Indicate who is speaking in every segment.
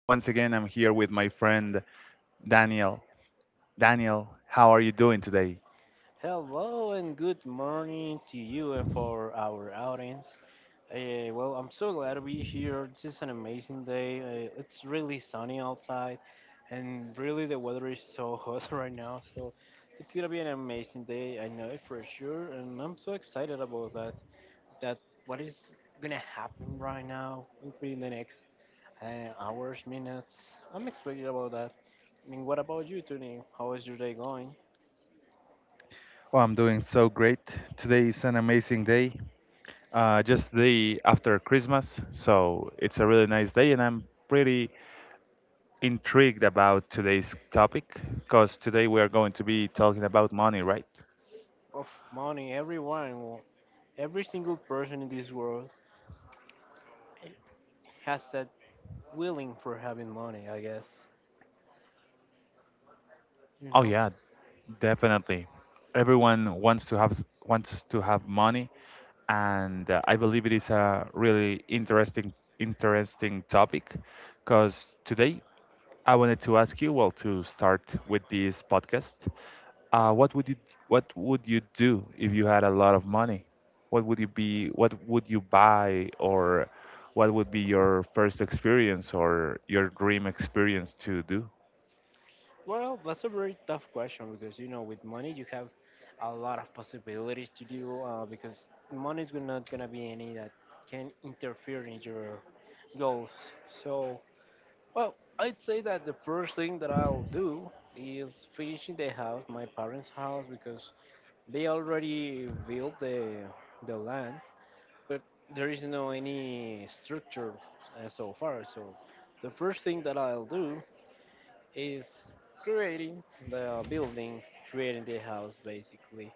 Speaker 1: Once again, I'm here with my friend Daniel. Daniel, how are you doing today?
Speaker 2: Hello and good morning to you and for our audience. Well, I'm so glad to be here. This is an amazing day. It's really sunny outside, and really the weather is so hot right now. So it's gonna be an amazing day. I know it for sure, and I'm so excited about that. That what is gonna happen right now maybe in the next hours, minutes. I'm excited about that. I mean, what about you, Tony? How is your day going?
Speaker 1: Oh, I'm doing so great. Today is an amazing day. Just the after Christmas, so it's a really nice day, and I'm pretty intrigued about today's topic because today we are going to be talking about money, right?
Speaker 2: Of money, everyone. Every single person in this world has said willing for having money, I guess. You
Speaker 1: Oh
Speaker 2: know?
Speaker 1: yeah, definitely. Everyone wants to wants to have money, and I believe it is a really interesting topic. Because today I wanted to ask you, well, to start with this podcast, what would you do if you had a lot of money? What would you be? What would you buy, or what would be your first experience or your dream experience to do?
Speaker 2: Well, that's a very tough question because, you know, with money you have a lot of possibilities to do because money is not going to be any that can interfere in your goals. So, well, I'd say that the first thing that I'll do is finishing the house, my parents' house, because they already built the land but there is no any structure so far. So the first thing that I'll do is creating the building, creating the house basically.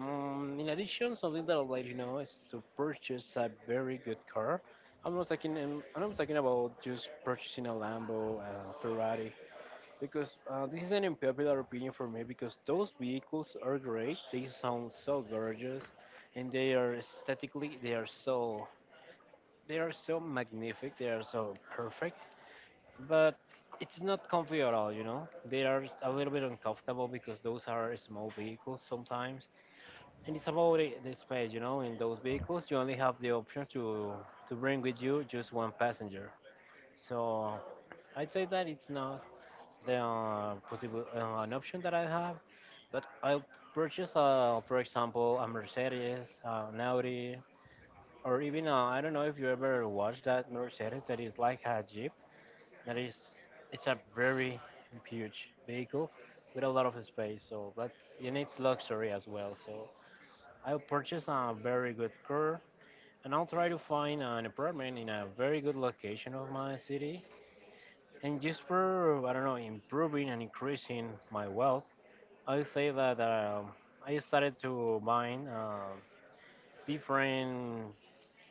Speaker 2: In addition, something that I'd like you know is to purchase a very good car. I'm not talking about just purchasing a Lambo, a Ferrari, because this is an unpopular opinion for me. Because those vehicles are great. They sound so gorgeous, and they are aesthetically they are so magnific, they are so perfect, but it's not comfy at all, you know? They are a little bit uncomfortable because those are small vehicles sometimes. And it's about the space, you know? In those vehicles, you only have the option to bring with you just one passenger. So I'd say that it's not the possible an option that I have, but I'll purchase, for example, a Mercedes, an Audi, or even I don't know if you ever watched that Mercedes that is like a Jeep. That is, it's a very huge vehicle with a lot of space. So that's it needs luxury as well. So I'll purchase a very good car and I'll try to find an apartment in a very good location of my city. And just for I don't know improving and increasing my wealth, I will say that I started to buying different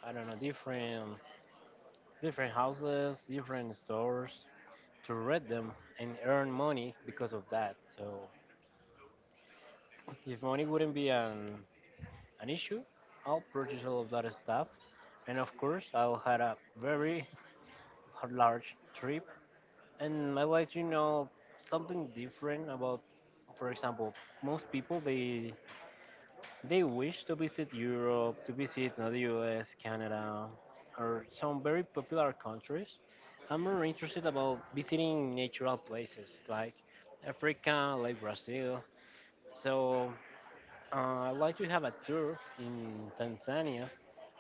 Speaker 2: I don't know different houses, different stores to rent them and earn money because of that. So if money wouldn't be an issue, I'll purchase all of that stuff. And of course, I'll had a very large trip. And I like to know something different about, for example, most people they wish to visit Europe, to visit the US, Canada, or some very popular countries. I'm more interested about visiting natural places like Africa, like Brazil. So I'd like to have a tour in Tanzania.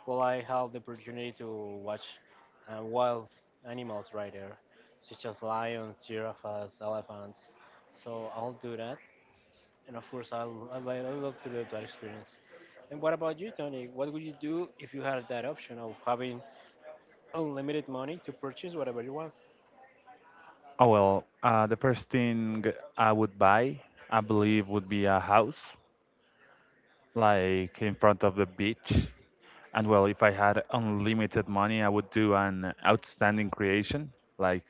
Speaker 2: Will I have the opportunity to watch wild animals right there, such as lions, giraffes, elephants? So I'll do that and of course, I l- I li- I love to live that experience. And what about you, Tony? What would you do if you had that option of having unlimited money to purchase whatever you want?
Speaker 1: Oh well, the first thing I would buy, I believe, would be a house, like in front of the beach. And well, if I had unlimited money, I would do an outstanding creation, like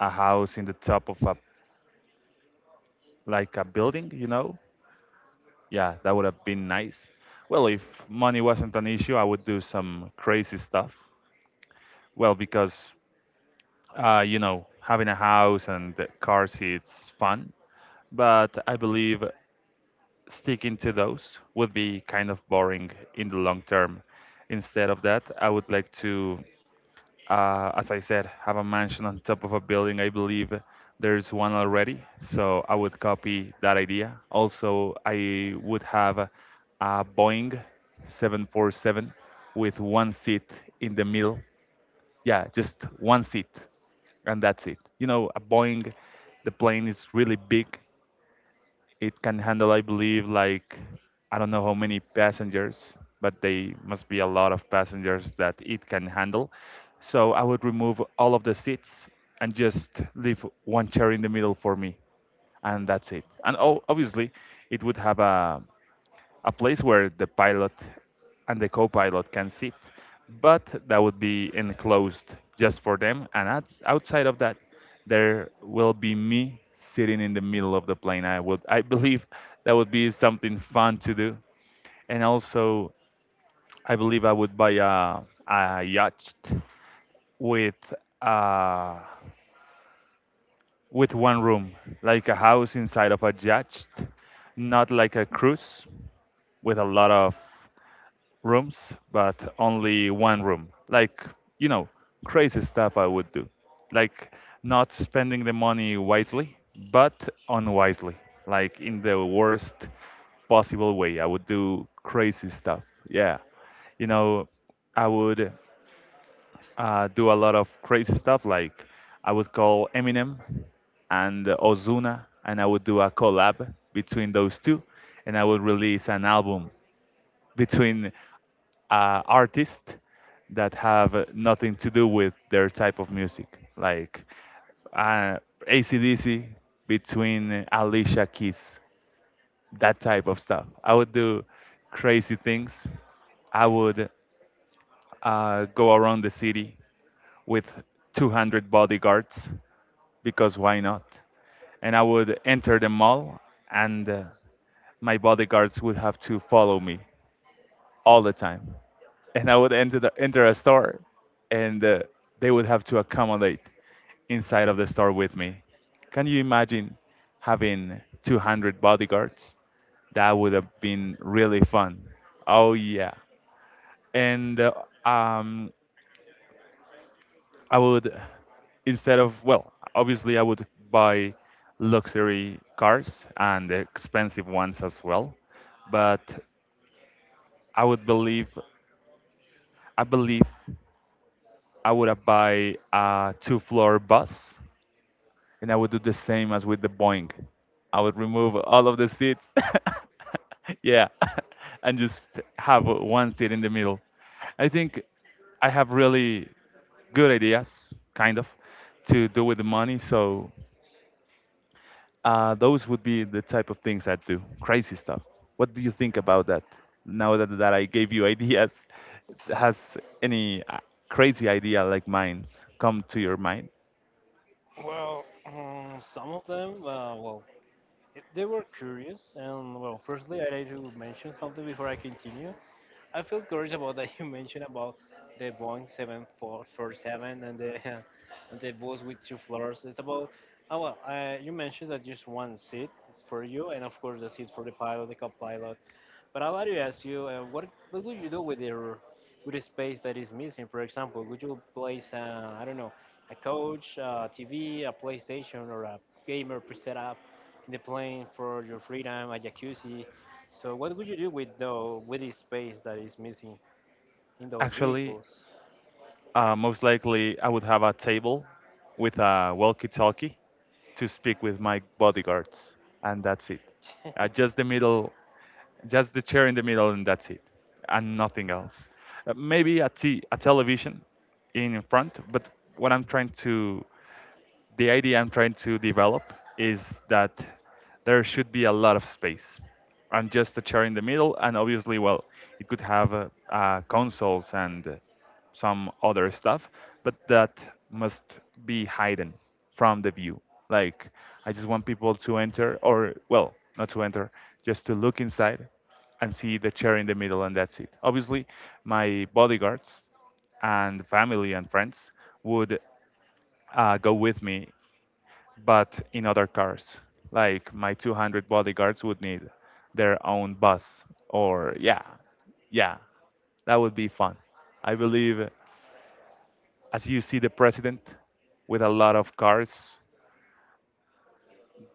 Speaker 1: a house in the top of a like a building, you know? Yeah, that would have been nice. Well, if money wasn't an issue, I would do some crazy stuff. Well, because you know, having a house and car seats fun, but I believe sticking to those would be kind of boring in the long term. Instead of that, I would like to, as I said, have a mansion on top of a building. I believe there's one already, so I would copy that idea. Also, I would have a Boeing 747 with one seat in the middle. Yeah, just one seat, and that's it. You know, a Boeing, the plane is really big it can handle, I believe, like I don't know how many passengers, but they must be a lot of passengers that it can handle. So I would remove all of the seats and just leave one chair in the middle for me, and that's it. And oh, obviously, it would have a place where the pilot and the co-pilot can sit, but that would be enclosed just for them. And outside of that, there will be me sitting in the middle of the plane. I believe, that would be something fun to do. And also, I believe I would buy a yacht with uh, with one room, like a house inside of a yacht, not like a cruise with a lot of rooms, but only one room. Like, you know, crazy stuff I would do. Like, not spending the money wisely, but unwisely. Like, in the worst possible way. I would do crazy stuff. Yeah. You know, I would do a lot of crazy stuff. Like, I would call Eminem and Ozuna, and I would do a collab between those two, and I would release an album between artists that have nothing to do with their type of music, like uh, AC/DC between Alicia Keys, that type of stuff. I would do crazy things. I would go around the city with 200 bodyguards because why not? And I would enter the mall and my bodyguards would have to follow me all the time. And I would enter a store and they would have to accommodate inside of the store with me. Can you imagine having 200 bodyguards? That would have been really fun. Oh, yeah. And um, I would, instead of, well, obviously, I would buy luxury cars and expensive ones as well. But I would believe, I believe I would have buy a two-floor bus, and I would do the same as with the Boeing. I would remove all of the seats, yeah, and just have one seat in the middle. I think I have really good ideas, kind of, to do with the money. So those would be the type of things I do, crazy stuff. What do you think about that? Now that I gave you ideas, has any crazy idea like mine come to your mind?
Speaker 2: Well, some of them, well, they were curious. And well, firstly, I need to mention something before I continue. I feel curious about that you mentioned about the Boeing 7447 and the and the bus with two floors. It's about oh well, you mentioned that just one seat is for you, and of course the seat for the pilot, the co-pilot, but I want to ask you, what what would you do with your with the space that is missing? For example, would you place I don't know a couch, a TV, a PlayStation, or a gamer preset up in the plane for your freedom, a jacuzzi? So what would you do with the space that is missing in those
Speaker 1: Actually,
Speaker 2: vehicles?
Speaker 1: most likely I would have a table with a walkie-talkie to speak with my bodyguards, and that's it. Uh, just the middle, just the chair in the middle, and that's it, and nothing else. Maybe a television in front, but what I'm trying to the idea I'm trying to develop is that there should be a lot of space. And just a chair in the middle, and obviously, well, it could have consoles and some other stuff, but that must be hidden from the view. Like, I just want people to enter, or, well, not to enter, just to look inside and see the chair in the middle, and that's it. Obviously, my bodyguards and family and friends would go with me but in other cars. Like my 200 bodyguards would need their own bus, or yeah, yeah, that would be fun. I believe as you see the president with a lot of cars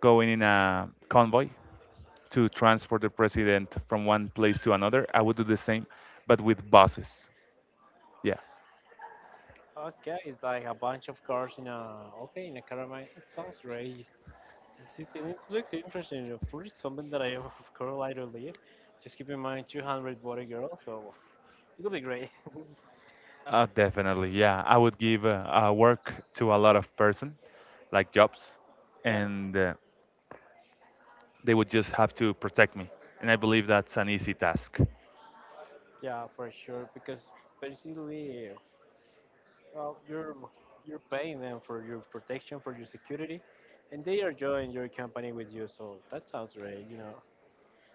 Speaker 1: going in a convoy to transport the president from one place to another, I would do the same, but with buses. Yeah,
Speaker 2: Okay, it's like a bunch of cars in a okay in a caravan. It sounds great. And see, it looks interesting. Of course, it's something that I, of course, like to live. Just keep in mind 200 body girl, so it'll be great.
Speaker 1: definitely. Yeah, I would give work to a lot of person, like jobs,
Speaker 2: yeah,
Speaker 1: and they would just have to protect me. And I believe that's an easy task.
Speaker 2: yeah, for sure. Because basically, well, you're paying them for your protection, for your security, and they are joining your company with you. So that sounds great, you know.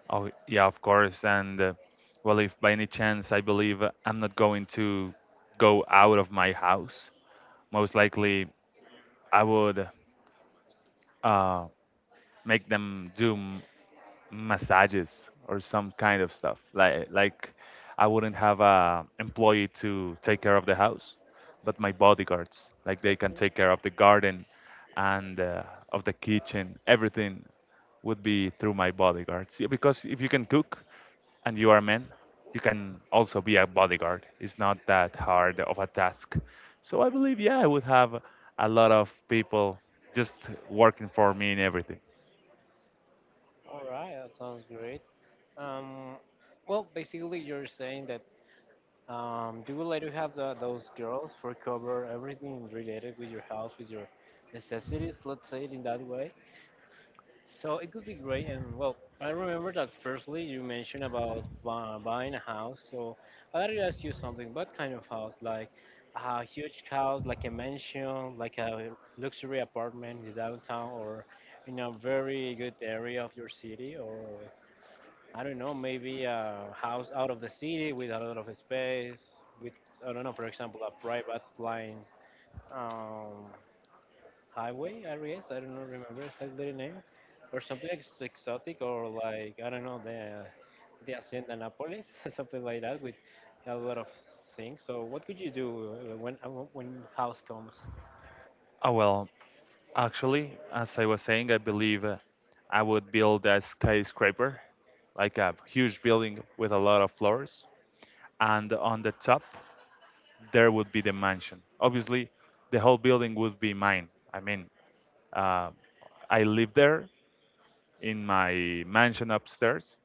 Speaker 1: Oh, yeah, of course. And well, if by any chance I believe I'm not going to go out of my house, most likely I would uh, make them do m- massages or some kind of stuff. Like I wouldn't have a employee to take care of the house, but my bodyguards, like they can take care of the garden and of the kitchen. Everything would be through my bodyguards. Yeah, because if you can cook and you are a man, you can also be a bodyguard. It's not that hard of a task. So I believe yeah, I would have a lot of people just working for me in everything.
Speaker 2: All right, that sounds great. Um, well, basically, you're saying that you would like to have those girls for cover everything related with your house, with your necessities, let's say it in that way. So it could be great. And well, I remember that firstly you mentioned about buying a house. So I'd like to ask you something. What kind of house? Like a huge house, like a mansion, like a luxury apartment in downtown, or in a very good area of your city, or I don't know, maybe a house out of the city with a lot of space, with, I don't know, for example, a private line um, highway, I guess. I don't know, remember exactly the name. Or something exotic, or like, I don't know, the Hacienda Nápoles, something like that, with a lot of things. So, what could you do when house comes?
Speaker 1: Oh, well, actually, as I was saying, I believe I would build a skyscraper, like a huge building with a lot of floors. And on the top, there would be the mansion. Obviously, the whole building would be mine. I mean, uh, I live there in my mansion upstairs,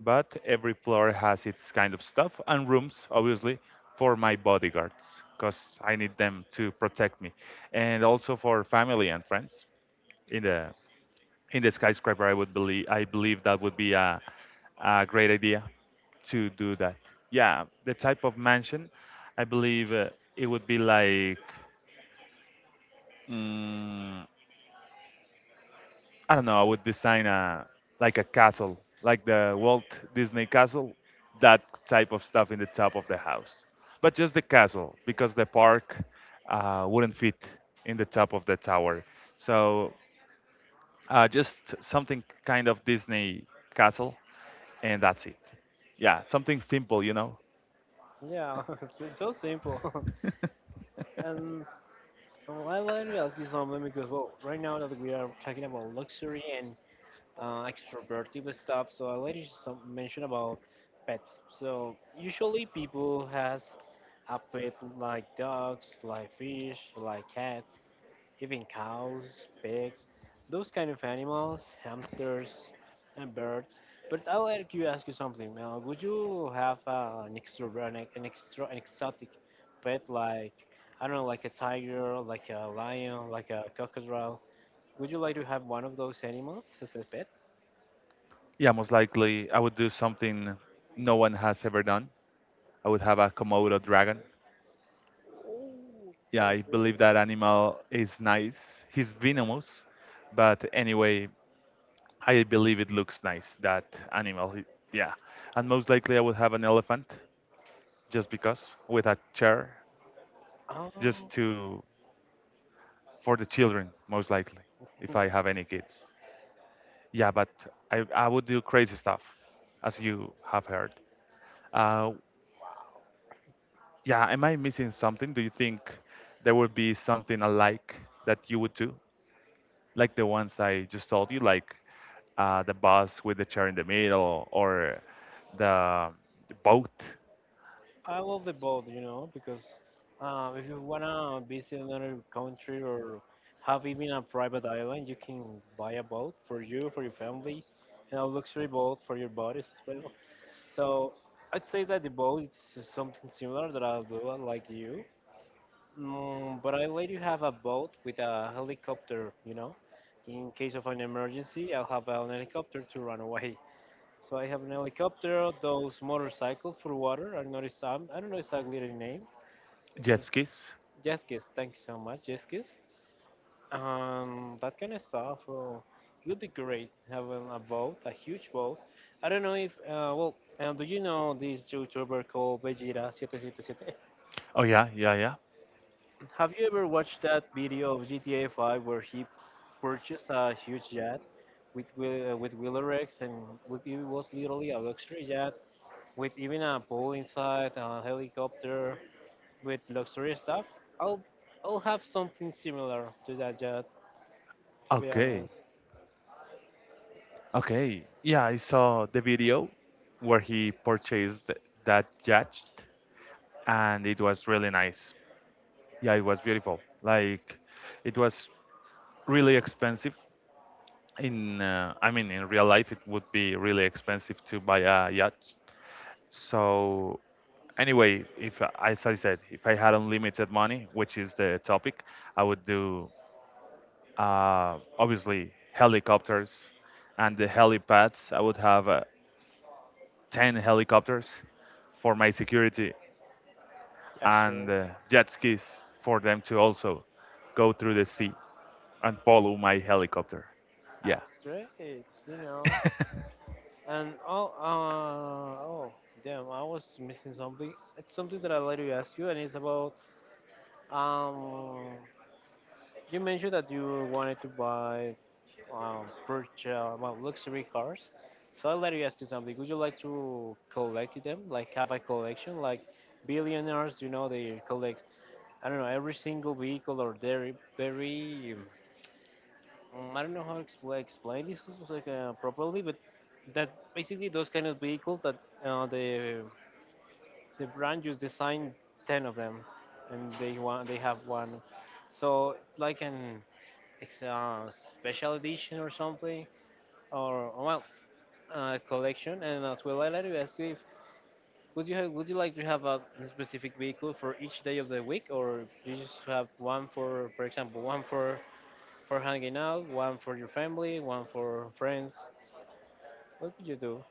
Speaker 1: but every floor has its kind of stuff and rooms, obviously, for my bodyguards because I need them to protect me and also for family and friends in the in the skyscraper. I believe that would be a great idea to do that. Yeah, the type of mansion, I believe it would be like mm, I don't know. I would design a like a castle, like the Walt Disney Castle, that type of stuff in the top of the house. But just the castle, because the park wouldn't fit in the top of the tower. So just something kind of Disney castle, and that's it. Yeah, something simple, you know.
Speaker 2: Yeah, it's so simple. And well, I like to ask you something because, well, right now that we are talking about luxury and extroverted stuff. So I wanted to some mention about pets. So usually people has a pet like dogs, like fish, like cats, even cows, pigs, those kind of animals, hamsters and birds. But I'll let you ask you something. Now, would you have an extrovert, an extra, an exotic pet like I don't know, like a tiger, like a lion, like a crocodile? Would you like to have one of those animals as a pet?
Speaker 1: Yeah, most likely I would do something no one has ever done. I would have a Komodo dragon. Yeah,
Speaker 2: So it's
Speaker 1: I believe
Speaker 2: really,
Speaker 1: that animal is nice. He's venomous, but anyway, I believe it looks nice, animal. It- Yeah. And most likely I would have an elephant just because with a chair just
Speaker 2: um,
Speaker 1: to for the children, most likely, if I have any kids. Yeah, but I would do crazy stuff, as you have heard. Uh, yeah, am I missing something? Do you think there would be something alike that you would do, like the ones I just told you, like the bus with the chair in the middle, or the boat,
Speaker 2: I love the both, you know, because if you wanna visit another country or have even a private island, you can buy a boat for you, for your family, and a luxury boat for your bodies as well. So I'd say that the boat is something similar that I'll do, like you. Mm, but I let you have a boat with a helicopter, you know. In case of an emergency, I'll have an helicopter to run away. So I have an helicopter, those motorcycles for water. I noticed some. I don't know exactly the name.
Speaker 1: jet skis?
Speaker 2: Jeskis, thank you so much, Jeskis. That kind of stuff. Oh, it would be great having a boat, a huge boat. I don't know if. Well, do you know this YouTuber called Vegeta777?
Speaker 1: Oh yeah, yeah, yeah.
Speaker 2: Have you ever watched that video of GTA 5 where he purchased a huge yacht with with Wheeler Rex and it was literally a luxury yacht with even a pool inside, a helicopter, with luxurious stuff, I'll I'll have something similar to that jet. To be
Speaker 1: Okay,
Speaker 2: honest,
Speaker 1: okay. Yeah, I saw the video where he purchased that jet and it was really nice. Yeah, it was beautiful. Like it was really expensive. In I mean, in real life, it would be really expensive to buy a yacht. So anyway, if I- as I said, if I had unlimited money, which is the topic, I would do obviously helicopters and the helipads. I would have 10 helicopters for my security
Speaker 2: yeah,
Speaker 1: and
Speaker 2: sure,
Speaker 1: jet skis for them to also go through the sea and follow my helicopter. Yeah.
Speaker 2: that's great. You know, and damn, I was missing something. It's something that I later asked you, and it's about um. You mentioned that you wanted to buy purchase well, luxury cars. So I'll let you ask you something. Would you like to collect them, like have a collection, like billionaires? You know, they collect. I don't know every single vehicle or very. I don't know how to explain this like, properly, but that basically those kind of vehicles that the brand just designed 10 of them, and they have one. So it's like an it's a special edition or something, or well, collection, and as well, I'd like to ask you if would you like to have a specific vehicle for each day of the week, or you just have one for example, one for hanging out, one for your family, one for friends? What would you do?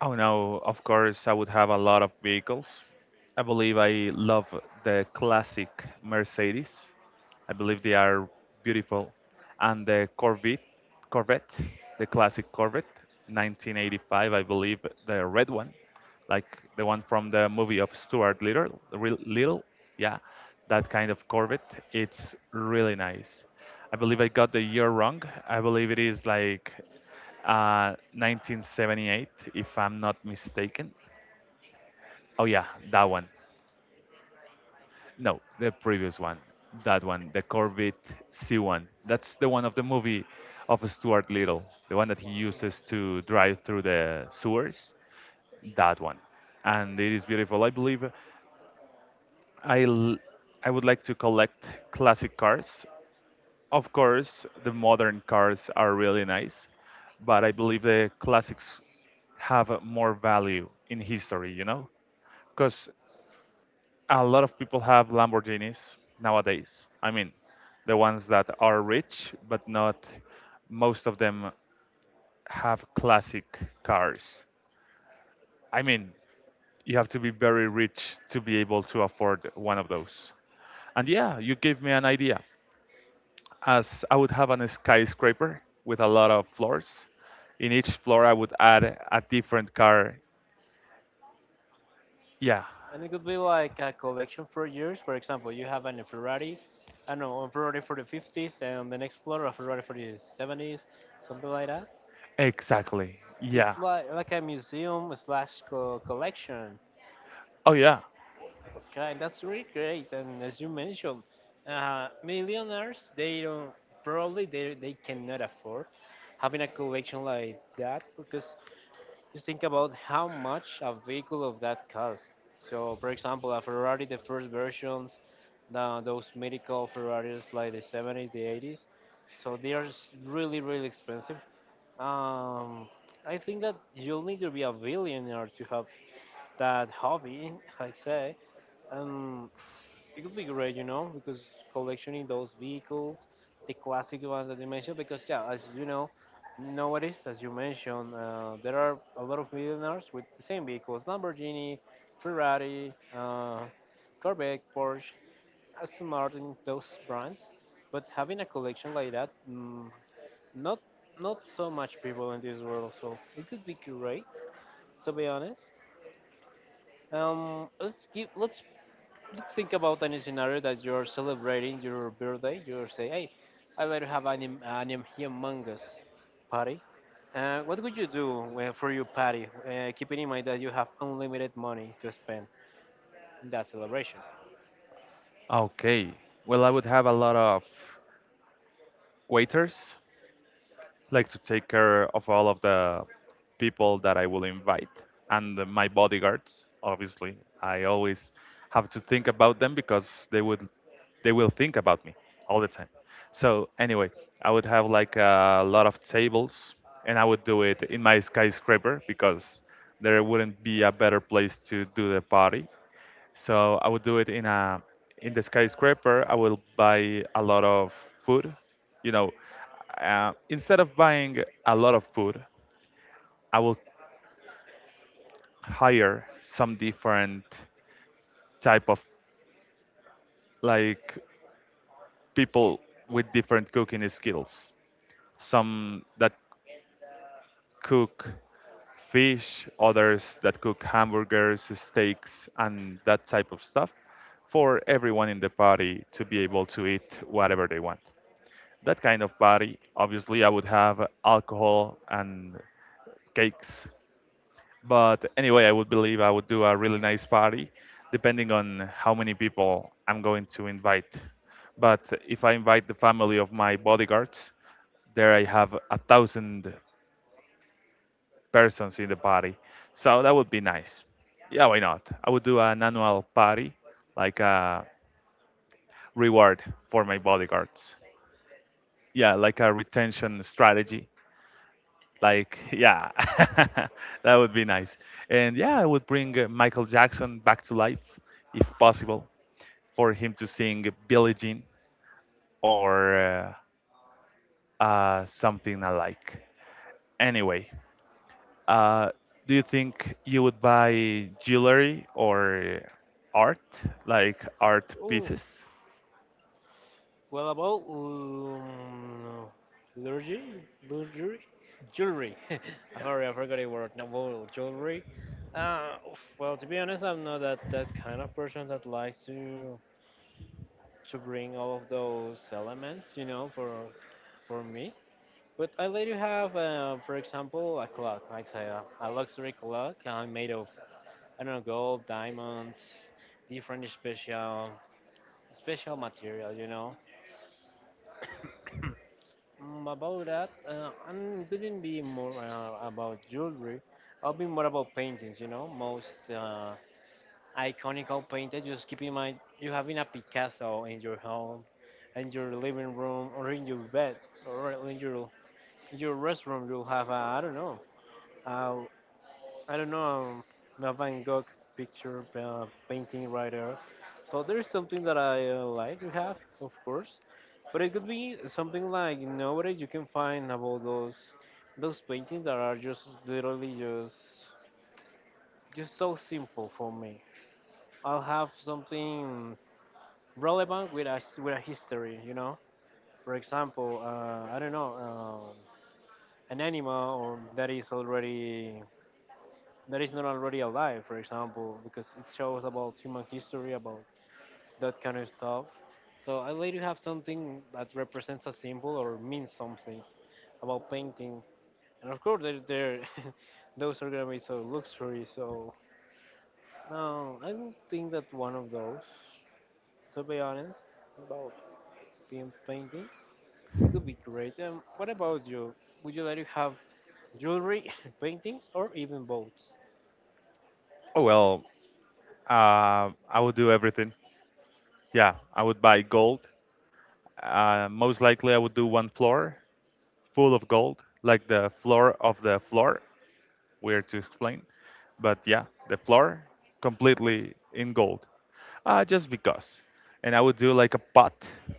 Speaker 1: Oh no, of course, I would have a lot of vehicles. I believe I love the classic Mercedes. I believe they are beautiful. And Corvette, the classic Corvette, 1985, I believe, the red one, like the one from the movie of Stuart Little, Little, yeah, that kind of Corvette. It's really nice. I believe I got the year wrong. I believe it is like 1978, if I'm not mistaken. Oh yeah, that one. No, the previous one. That one, the Corvette C1. That's the one of the movie of Stuart Little, the one that he
Speaker 2: Wow.
Speaker 1: uses to drive through the sewers. That one. And it is beautiful. I believe I, l- I would like to collect classic cars. Of course, the modern cars are really nice, but I believe the classics have more value in history, you know? Because a lot of people have Lamborghinis nowadays. I mean, the ones that are rich, but not most of them have classic cars. I mean, you have to be very rich to be able to afford one of those. And yeah, you gave me an idea. As I would have an skyscraper with a lot of floors, in each floor I would add a different car. Yeah,
Speaker 2: And it could be like a collection for years. For example, you have an Ferrari, I don't know, a Ferrari for the 50s, and on the next floor a Ferrari for the 70s, something like that.
Speaker 1: exactly. Yeah.
Speaker 2: It's like a museum slash collection.
Speaker 1: Oh, yeah.
Speaker 2: Okay, that's really great. And as you mentioned, millionaires they don't probably they cannot afford having a collection like that because just think about how much a vehicle of that costs. So, for example, a Ferrari, the first versions, those medical Ferraris like the 70s, the 80s, so they are really expensive. Um, I think that you'll need to be a billionaire to have that hobby. I say. Um, it could be great, you know, because collectioning those vehicles, the classic ones that you mentioned, because yeah, as you know, nowadays, as you mentioned, there are a lot of millionaires with the same vehicles: Lamborghini, Ferrari, Corvette, Porsche, Aston Martin, those brands. But having a collection like that, not not so much people in this world, so it could be great. To be honest, let's give let's think about any scenario that you're celebrating your birthday. You say, "Hey, I better have humongous party." What would you do for your party, keeping in mind that you have unlimited money to spend in that celebration?
Speaker 1: Okay. Well, I would have a lot of waiters like to take care of all of the people that I will invite and my bodyguards, obviously I always have to think about them because they will think about me all the time. So anyway, I would have like a lot of tables, and I would do it in my skyscraper because there wouldn't be a better place to do the party. So I would do it in a in the skyscraper. I will buy a lot of food. You know, Instead of buying a lot of food, I will hire some different type of like people with different cooking skills. Some that cook fish, others that cook hamburgers, steaks, and that type of stuff for everyone in the party to be able to eat whatever they want. That kind of party, obviously I would have alcohol and cakes. But anyway, I would believe I would do a really nice party depending on how many people I'm going to invite. But if I invite the family of my bodyguards, there I have a thousand persons in the party. So that would be nice. Yeah, why not? I would do an annual party, like a reward for my bodyguards. Yeah, like a retention strategy. Like, yeah, that would be nice. And yeah, I would bring Michael Jackson back to life if possible for him to sing Billie Jean or something alike. Anyway, uh, do you think you would buy jewelry or art, like art pieces?
Speaker 2: Oof. Well, about luxury, luxury, jewelry. I'm sorry, I forgot a word. No, well, jewelry. Oof, well, to be honest, I'm not that, that kind of person that likes to bring all of those elements, you know, for me. But I let you have, for example, a clock. I say a luxury clock made of I don't know gold, diamonds, different special material, you know. About that, I wouldn't be more about jewelry. I'll be more about paintings, you know. Most iconical painter, just keep in mind you having a Picasso in your home, in your living room, or in your bed, or in your restroom. You'll have a I don't know, a, I don't know a Van Gogh picture painting right there. So there's something that I like to have, of course, but it could be something like nowadays you can find about those paintings that are just literally just so simple for me. I'll have something relevant with with a history. You know, for example, I don't know, an animal or that is already that is not already alive, for example, because it shows about human history, about that kind of stuff. So I like to have something that represents a symbol or means something about painting. And of course, those are gonna be so luxury. So no, I don't think that one of those. To be honest, being paintings. It could be great. What about you? Would you like to have jewelry, paintings, or even boats?
Speaker 1: Oh, well, I would do everything. Yeah, I would buy gold. Most likely, I would do one floor full of gold, like the floor of the floor. Weird to explain, but yeah, the floor completely in gold, just because. And I would do like a pot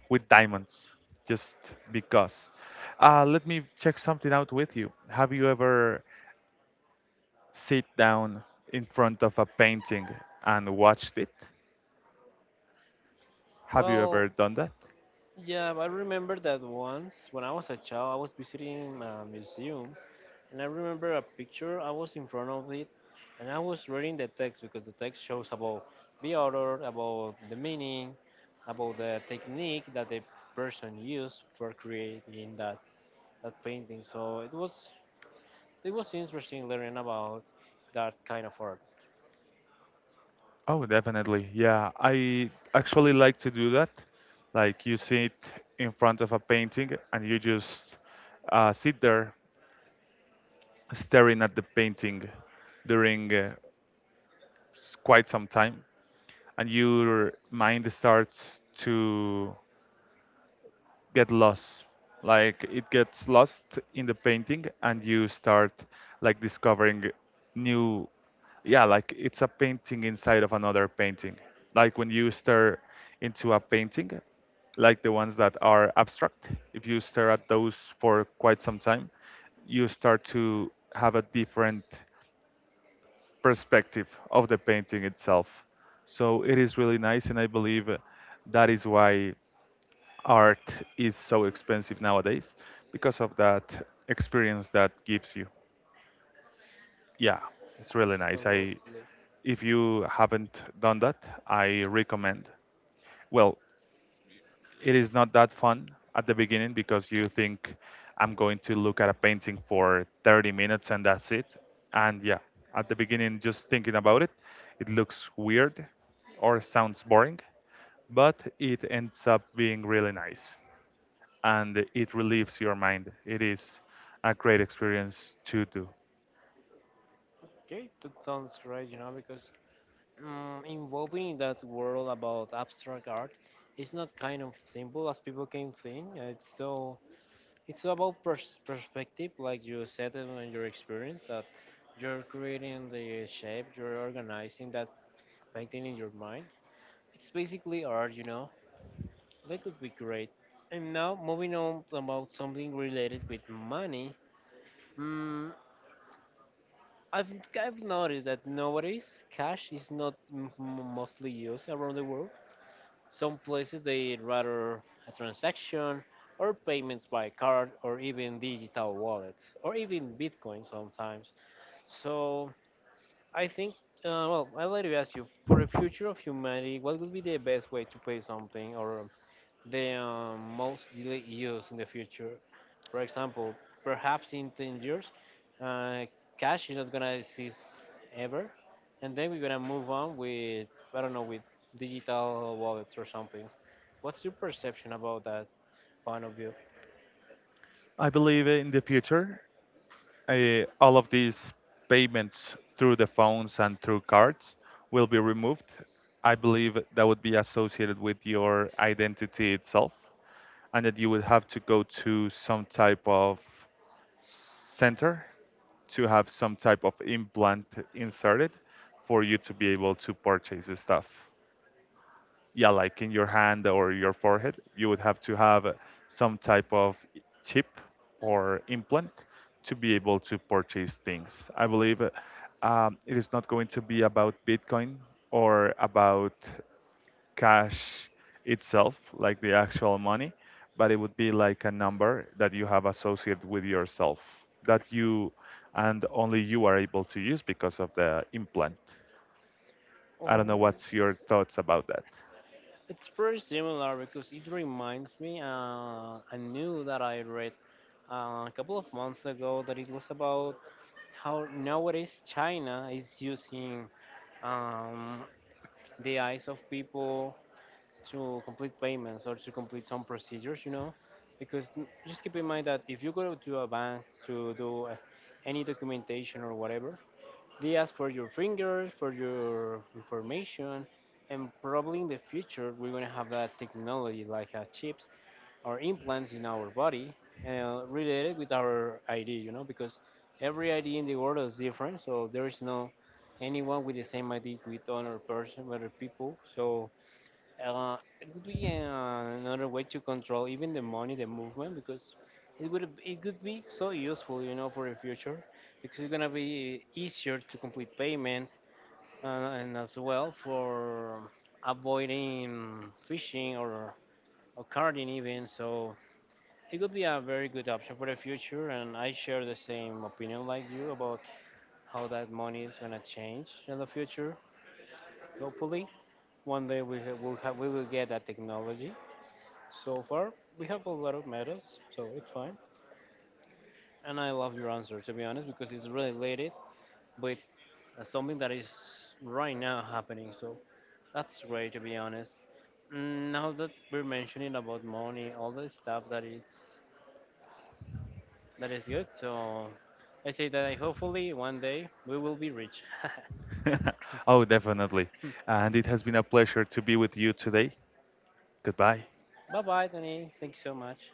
Speaker 1: with diamonds, just because. Let me check something out with you. Have you ever sit down in front of a painting and watched it? Have you
Speaker 2: Well,
Speaker 1: ever done that?
Speaker 2: yeah, I remember that once when I was a child, I was visiting a museum, and I remember a picture. I was in front of it, and I was reading the text because the text shows about the author, about the meaning, about the technique that the person used for creating that painting. So it was interesting learning about that kind of art.
Speaker 1: Oh, definitely. Yeah, I actually like to do that. Like you sit in front of a painting and you just sit there staring at the painting during quite some time, and your mind starts to get lost, like it gets lost in the painting, and you start like discovering new, yeah, like it's a painting inside of another painting. Like when you stare into a painting, like the ones that are abstract, if you stare at those for quite some time, you start to have a different perspective of the painting itself. So it is really nice, and I believe that is why art is so expensive nowadays, because of that experience that gives you. Yeah, it's really nice. I
Speaker 2: Absolutely.
Speaker 1: If you haven't done that, I recommend. Well, it is not that fun at the beginning because you think I'm going to look at a painting for 30 minutes and that's it. And yeah, at the beginning, just thinking about it, it looks weird or sounds boring, but it ends up being really nice and it relieves your mind. It is a great experience to do.
Speaker 2: Okay, that sounds great, you know, because involving that world about abstract art is not kind of simple as people can think. It's so about perspective, like you said and on your experience that you're creating the shape, you're organizing that painting in your mind. It's basically art, you know. That could be great. And now moving on about something related with money. mm, I've I've noticed that nowadays cash is not mostly used around the world. Some places they rather a transaction or payments by card or even digital wallets or even Bitcoin sometimes. So I think well, I'd like to ask you for the future of humanity, what would be the best way to pay something or the most daily use in the future. For example, perhaps in 10 years, uh, cash is not gonna exist ever, and then we're gonna move on with I don't know with digital wallets or something. What's your perception about that point of view?
Speaker 1: I believe in the future, all of these payments through the phones and through cards will be removed. I believe that would be associated with your identity itself, and that you would have to go to some type of center to have some type of implant inserted for you to be able to purchase the stuff. Yeah, like in your hand or your forehead, you would have to have some type of chip or implant to be able to purchase things. I believe it is not going to be about Bitcoin or about cash itself, like the actual money, but it would be like a number that you have associated with yourself, that you and only you are able to use because of the implant. I don't
Speaker 2: Oh,
Speaker 1: know what's your thoughts about that.
Speaker 2: it's pretty similar because it reminds me. I knew that I read a couple of months ago that it was about how nowadays China is using um, the eyes of people to complete payments or to complete some procedures, you know, because just keep in mind that if you go to a bank to do any documentation or whatever, they ask for your fingers, for your information, and probably in the future we're gonna have that technology like chips or implants in our body related with our ID, you know, because every ID in the world is different, so there is no anyone with the same ID with other person, other people. So it would be another way to control even the money, the movement, because it could be so useful, you know, for the future, because it's gonna be easier to complete payments uh, and as well for avoiding phishing or carding even. So it could be a very good option for the future, and I share the same opinion like you about how that money is gonna change in the future. Hopefully, one day we ha- will have we will get that technology. So far, we have a lot of medals, so it's fine. And I love your answer, to be honest, because it's really related with something that is right now happening. So that's great, to be honest. Now that we're mentioning about money, all the stuff that is good. So I say that I hopefully one day we will be rich.
Speaker 1: Oh, definitely. And it has been a pleasure to be with you today. Goodbye.
Speaker 2: Bye bye, Danny. Thank you so much.